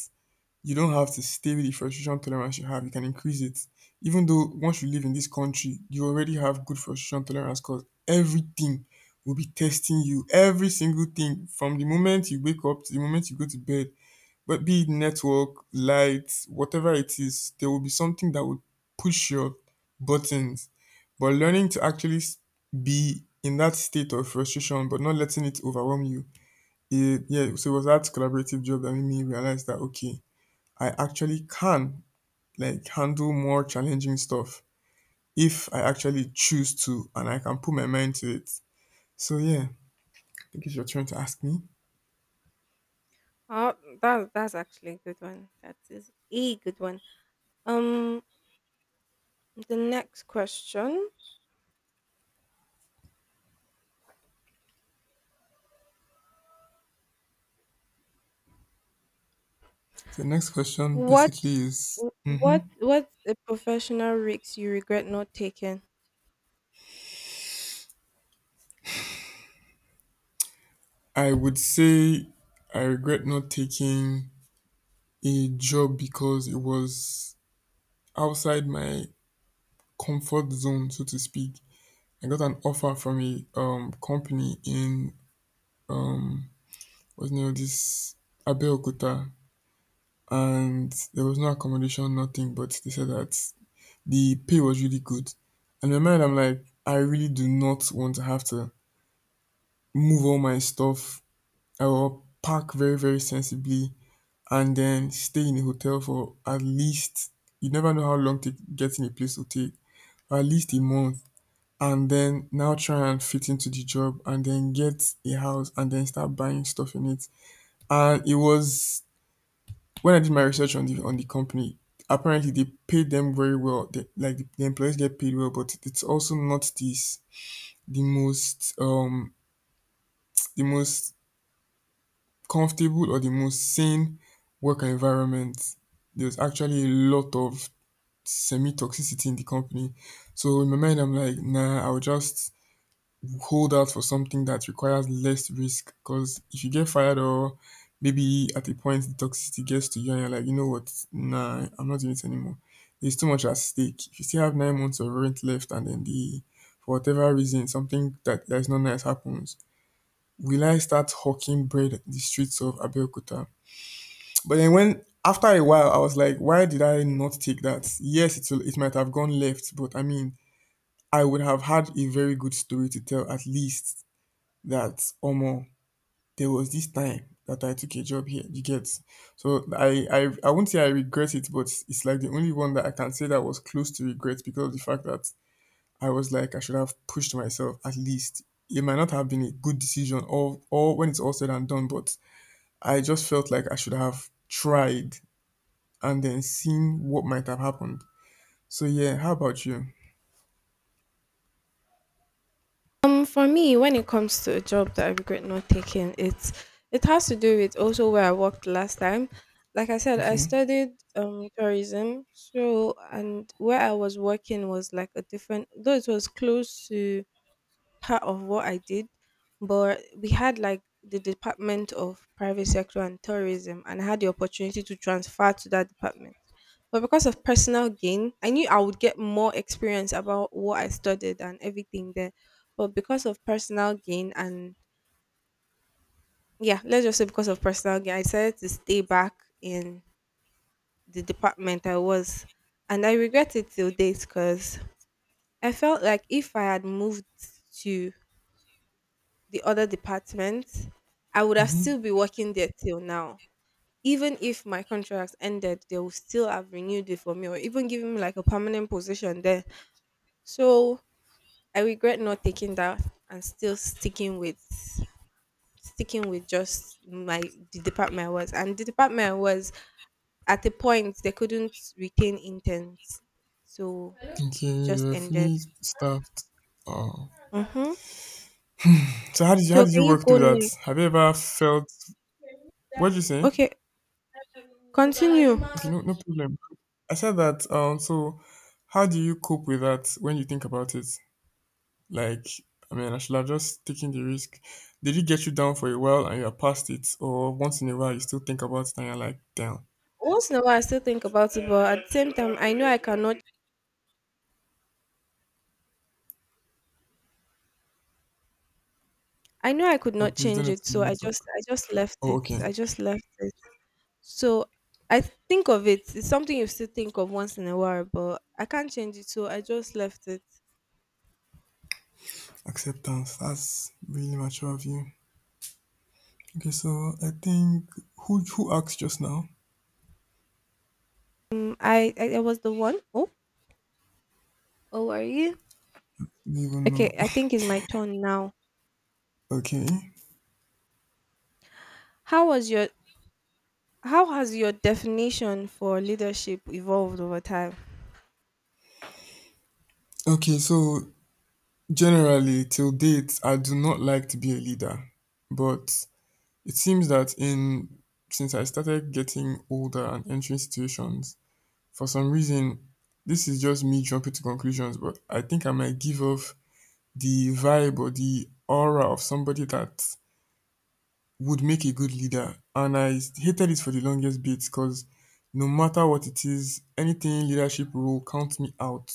Speaker 2: you don't have to stay with the frustration tolerance you have. You can increase it. Even though once you live in this country, you already have good frustration tolerance, because everything will be testing you. Every single thing from the moment you wake up to the moment you go to bed, but be it network, lights, whatever it is, there will be something that will push your buttons. But learning to actually s- be in that state of frustration, but not letting it overwhelm you. Eh, yeah, so it was that collaborative job that made me realize that okay, I actually can like handle more challenging stuff if I actually choose to and I can put my mind to it. So yeah, I think it's your turn to ask me.
Speaker 1: Oh, that that's actually a good one. That is a good one. Um, the next question:
Speaker 2: So the next question
Speaker 1: What
Speaker 2: basically is, hmm,
Speaker 1: what what's a professional risk you regret not taking?
Speaker 2: I would say I regret not taking a job because it was outside my comfort zone, so to speak. I got an offer from a um company in um, what's the name of this, Abeokuta, and there was no accommodation, nothing. But they said that the pay was really good. And in my mind, I'm like, I really do not want to have to move all my stuff. I will pack very, very sensibly and then stay in a hotel for at least, you never know how long to get in a place will take, at least a month. And then now try and fit into the job and then get a house and then start buying stuff in it. And it was, when I did my research on the on the company, apparently they pay them very well. They, like the, the employees get paid well, but it's also not this the most um the most comfortable or the most sane work environment. There's actually a lot of semi toxicity in the company. So in my mind, I'm like, nah, I'll just hold out for something that requires less risk. Because if you get fired, or maybe at a point the toxicity gets to you and you're like, you know what, nah, I'm not doing it anymore. There's too much at stake. If you still have nine months of rent left and then the, for whatever reason, something that, that is not nice happens, will I start hawking bread in the streets of Abeokuta? But then when after a while I was like, why did I not take that? Yes, it will, it might have gone left, but I mean, I would have had a very good story to tell at least, that omo, there was this time that I took a job here, you get? So I I I won't say I regret it, but it's like the only one that I can say that was close to regret, because of the fact that I was like, I should have pushed myself at least. It might not have been a good decision or or when it's all said and done, but I just felt like I should have tried and then seen what might have happened. So yeah, how about you?
Speaker 1: Um, for me, when it comes to a job that I regret not taking, it's, it has to do with also where I worked last time. Like I said, I
Speaker 2: Okay.
Speaker 1: studied um tourism, so, and where I was working was like a different, though it was close to part of what I did, but we had like the Department of Private Sector and Tourism, and I had the opportunity to transfer to that department. But because of personal gain, I knew I would get more experience about what I studied and everything there. But because of personal gain, and yeah, let's just say because of personal gain, I decided to stay back in the department I was. And I regret it till date because I felt like if I had moved to the other department, I would have
Speaker 2: Mm-hmm.
Speaker 1: still be working there till now. Even if my contract ended, they would still have renewed it for me or even given me like a permanent position there. So I regret not taking that and still sticking with sticking with just my the department I was. And the department I was, at a point they couldn't retain interns. So it
Speaker 2: Okay, they
Speaker 1: just
Speaker 2: were
Speaker 1: ended.
Speaker 2: fully staffed. Oh.
Speaker 1: Mm-hmm.
Speaker 2: So how did you, how
Speaker 1: So
Speaker 2: did
Speaker 1: can
Speaker 2: you
Speaker 1: you
Speaker 2: work
Speaker 1: go
Speaker 2: through that?
Speaker 1: next?
Speaker 2: Have you ever felt? What did you say?
Speaker 1: Okay, continue.
Speaker 2: Okay, no, no problem. I said that. Um, so how do you cope with that when you think about it? Like, I mean, I should have just taken the risk. Did it get you down for a while and you're past it, or once in a while you still think about it and you're like, damn.
Speaker 1: Once in a while, I still think about it, but at the same time, I know I cannot. I know I could not
Speaker 2: God, please don't
Speaker 1: change
Speaker 2: let
Speaker 1: it, so I
Speaker 2: me
Speaker 1: just,
Speaker 2: talk.
Speaker 1: I just left
Speaker 2: Oh,
Speaker 1: it.
Speaker 2: okay.
Speaker 1: I just left it. So I th- think of it. It's something you still think of once in a while, but I can't change it, so I just left it.
Speaker 2: Acceptance. That's really mature of you. Okay, so I think who who asked just now? I
Speaker 1: Um, I, I, I was the one. Oh, oh, are you?
Speaker 2: don't even
Speaker 1: Okay,
Speaker 2: know.
Speaker 1: I think it's my turn now.
Speaker 2: Okay.
Speaker 1: How was your? How has your definition for leadership evolved over time?
Speaker 2: Okay, so, generally, till date, I do not like to be a leader, but it seems that in, since I started getting older and entering situations, for some reason, this is just me jumping to conclusions, but I think I might give off the vibe or the aura of somebody that would make a good leader. And I hated it for the longest bit, because no matter what it is, anything leadership role counts me out.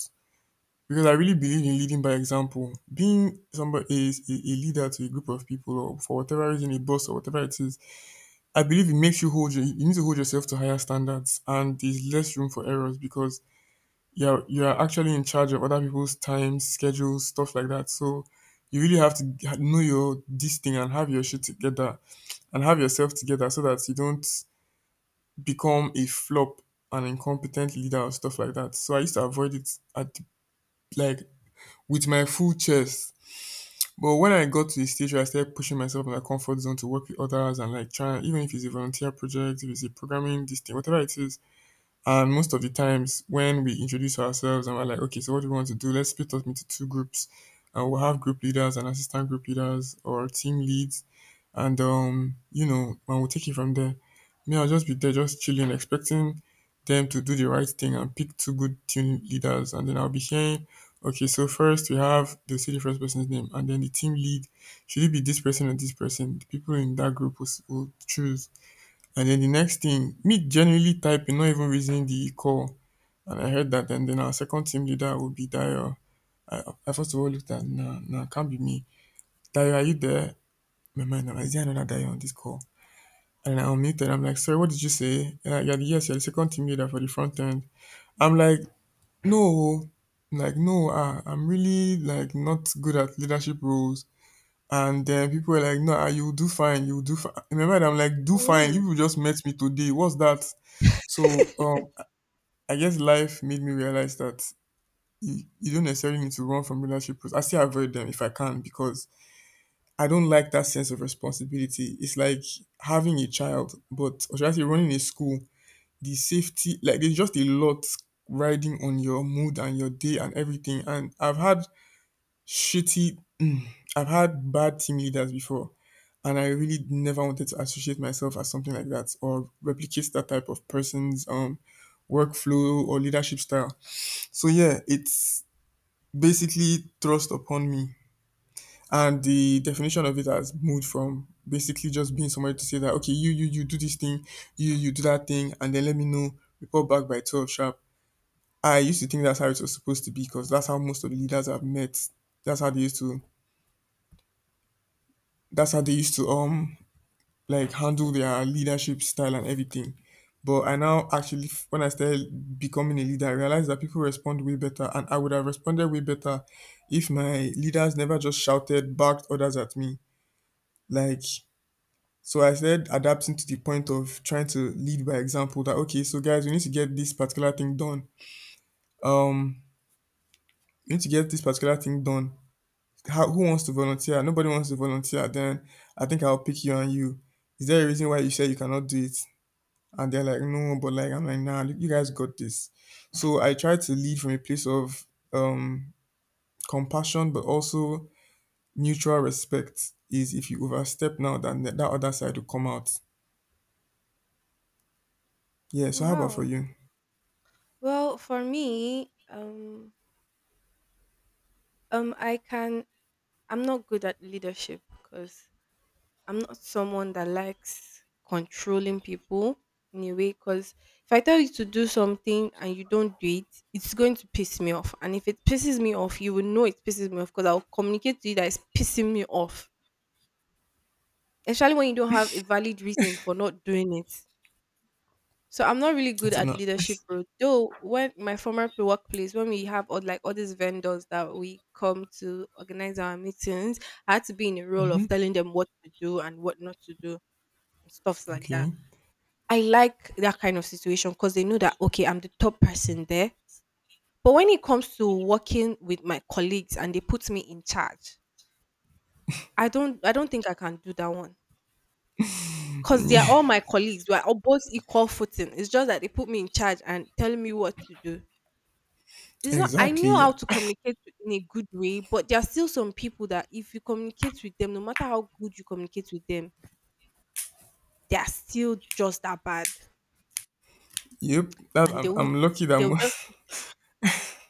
Speaker 2: Because I really believe in leading by example. Being somebody, a, a a leader to a group of people or for whatever reason, a boss or whatever it is, I believe it makes you hold your, you need to hold yourself to higher standards and there's less room for errors, because you're you're actually in charge of other people's time, schedules, stuff like that. So you really have to g- know your this thing and have your shit together and have yourself together so that you don't become a flop, an incompetent leader or stuff like that. So I used to avoid it, at, like, with my full chest. But when I got to the stage where I started pushing myself in my comfort zone to work with others and like trying, even if it's a volunteer project, if it's a programming, this thing, whatever it is. And most of the times when we introduce ourselves and we're like, okay, so what do we want to do? Let's split up into two groups and we'll have group leaders and assistant group leaders or team leads and um, you know, and we'll take it from there. Me, I'll just be there, just chilling, expecting them to do the right thing and pick two good team leaders, and then I'll be hearing, okay, so first we have the, will say the first person's name, and then the team lead, should it be this person or this person? The people in that group will, s- will choose, and then the next thing, me generally typing, not even raising the call, and I heard that, and then our second team leader will be Dio. I, I first of all looked at, nah, nah, can't be me. Dio, are you there? My mind, now, is there another Dio on this call? And I unmuted. I'm like, sorry, what did you say? Uh, you're the, yes, you're the second team leader for the front end. I'm like, no, oh, like no, ah, I'm really like not good at leadership roles. And then people were like, no, ah, you will do fine, you will do fine. In my mind, I'm like, do fine. You
Speaker 1: Mm.
Speaker 2: people just met me today. What's that? So, um, I guess life made me realize that you, you don't necessarily need to run from leadership roles. I still avoid them if I can because I don't like that sense of responsibility. It's like having a child, but or should I say running a school, the safety, like there's just a lot riding on your mood and your day and everything. And I've had shitty, mm, I've had bad team leaders before, and I really never wanted to associate myself as something like that or replicate that type of person's um workflow or leadership style. So yeah, it's basically thrust upon me. And the definition of it has moved from basically just being somebody to say that okay, you you you do this thing, you you do that thing, and then let me know, report back by twelve sharp. I used to think that's how it was supposed to be because that's how most of the leaders I've met. That's how they used to. That's how they used to um like handle their leadership style and everything. But I now actually, f- when I started becoming a leader, I realized that people respond way better, and I would have responded way better if my leaders never just shouted, barked orders at me. Like, so I said, adapting to the point of trying to lead by example. That okay, so guys, we need to get this particular thing done. Um, we need to get this particular thing done, how, who wants to volunteer? Nobody wants to volunteer. Then I think I'll pick you on you. Is there a reason why you say you cannot do it? And they're like, no, but like, I'm like, nah, you you guys got this. So I try to lead from a place of um, compassion, but also mutual respect. Is if you overstep now, then that that other side will come out. Yeah. So how about for
Speaker 1: Wow.
Speaker 2: you?
Speaker 1: Well, for me, um, um, I can, I'm not good at leadership because I'm not someone that likes controlling people in a way. Because if I tell you to do something and you don't do it, it's going to piss me off. And if it pisses me off, you will know it pisses me off because I'll communicate to you that it's pissing me off. Especially when you don't have a valid reason for not doing it. So I'm not really good
Speaker 2: It's
Speaker 1: at
Speaker 2: not.
Speaker 1: leadership role. Though when my former p- workplace, when we have all like all these vendors that we come to organize our meetings, I had to be in a role of
Speaker 2: Hmm.
Speaker 1: telling them what to do and what not to do and stuffs like that.
Speaker 2: Okay.
Speaker 1: I like that kind of situation because they know that okay, I'm the top person there. But when it comes to working with my colleagues and they put me in charge, I don't I don't think I can do that one. Cause they are all my colleagues. We are all both equal footing. It's just that they put me in charge and telling me what to do. It's not, I know
Speaker 2: Exactly.
Speaker 1: how to communicate in a good way, but there are still some people that if you communicate with them, no matter how good you communicate with them, they are still just that bad.
Speaker 2: Yep. That
Speaker 1: And they
Speaker 2: I'm,
Speaker 1: would
Speaker 2: I'm lucky that
Speaker 1: they'll
Speaker 2: I'm,
Speaker 1: just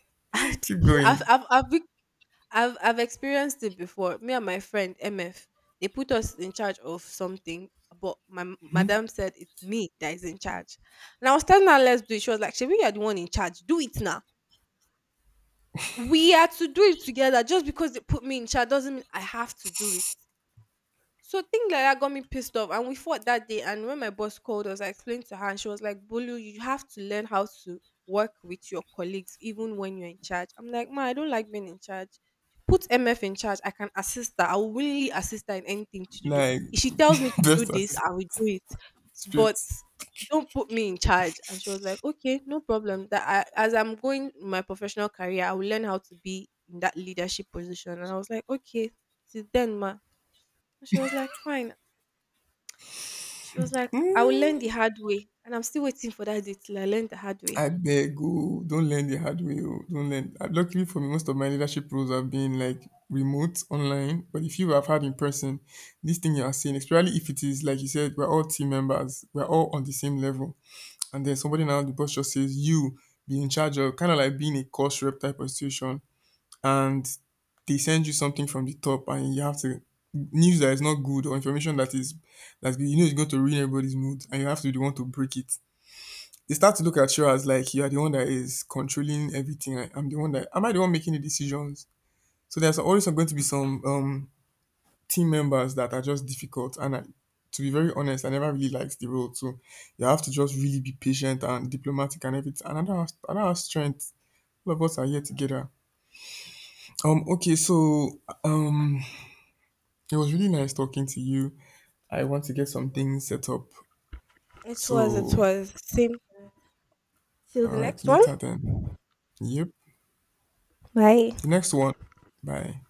Speaker 1: I've
Speaker 2: keep
Speaker 1: I've
Speaker 2: going.
Speaker 1: I've I've, be- I've I've experienced it before. Me and my friend M F, they put us in charge of something, but my m- madam said it's me that is in charge. And I was telling her let's do it. She was like, Shebi, you're the one in charge. Do it now. We are to do it together. Just because they put me in charge doesn't mean I have to do it. So things like that got me pissed off, and we fought that day. And when my boss called us, I explained to her, and she was like, "Bolu, you have to learn how to work with your colleagues, even when you're in charge." I'm like, "Ma, I don't like being in charge. Put M F in charge. I can assist her. I will willingly assist her in anything to do.
Speaker 2: Like
Speaker 1: If she tells me to do
Speaker 2: best
Speaker 1: this,
Speaker 2: artist
Speaker 1: I will do it. But
Speaker 2: spirit.
Speaker 1: don't put me in charge." And she was like, "Okay, no problem. That I, as I'm going in my professional career, I will learn how to be in that leadership position." And I was like, "Okay, till then, ma." And she was like, "Fine." She was like, I will learn the hard way. And I'm still waiting for that day till I learn the hard way.
Speaker 2: I beg, Abeg don't learn the hard way oo, don learn. Uh, Luckily for me, most of my leadership roles have been like remote, online, but the few I've had in person, this thing you are saying, especially if it is like you said, we're all team members, we're all on the same level, and then somebody now the boss just says you be in charge of, kind of like being a course rep type of situation, and they send you something from the top, and you have to, news that is not good or information that is, that you know is going to ruin everybody's mood, and you have to be the one to break it, they start to look at you as like you are the one that is controlling everything. I, I'm the one that, am I the one making the decisions? So there's always going to be some um team members that are just difficult. And I, to be very honest, I never really liked the role. So you have to just really be patient and diplomatic and everything. And I don't have, I don't have strength. All of us are here together. Um. Okay. So um, it was really nice talking to you. I want to get some things set up.
Speaker 1: It was, it
Speaker 2: So
Speaker 1: was. Same. Till the
Speaker 2: all right,
Speaker 1: next one.
Speaker 2: later then. Yep.
Speaker 1: Bye.
Speaker 2: The next one. Bye.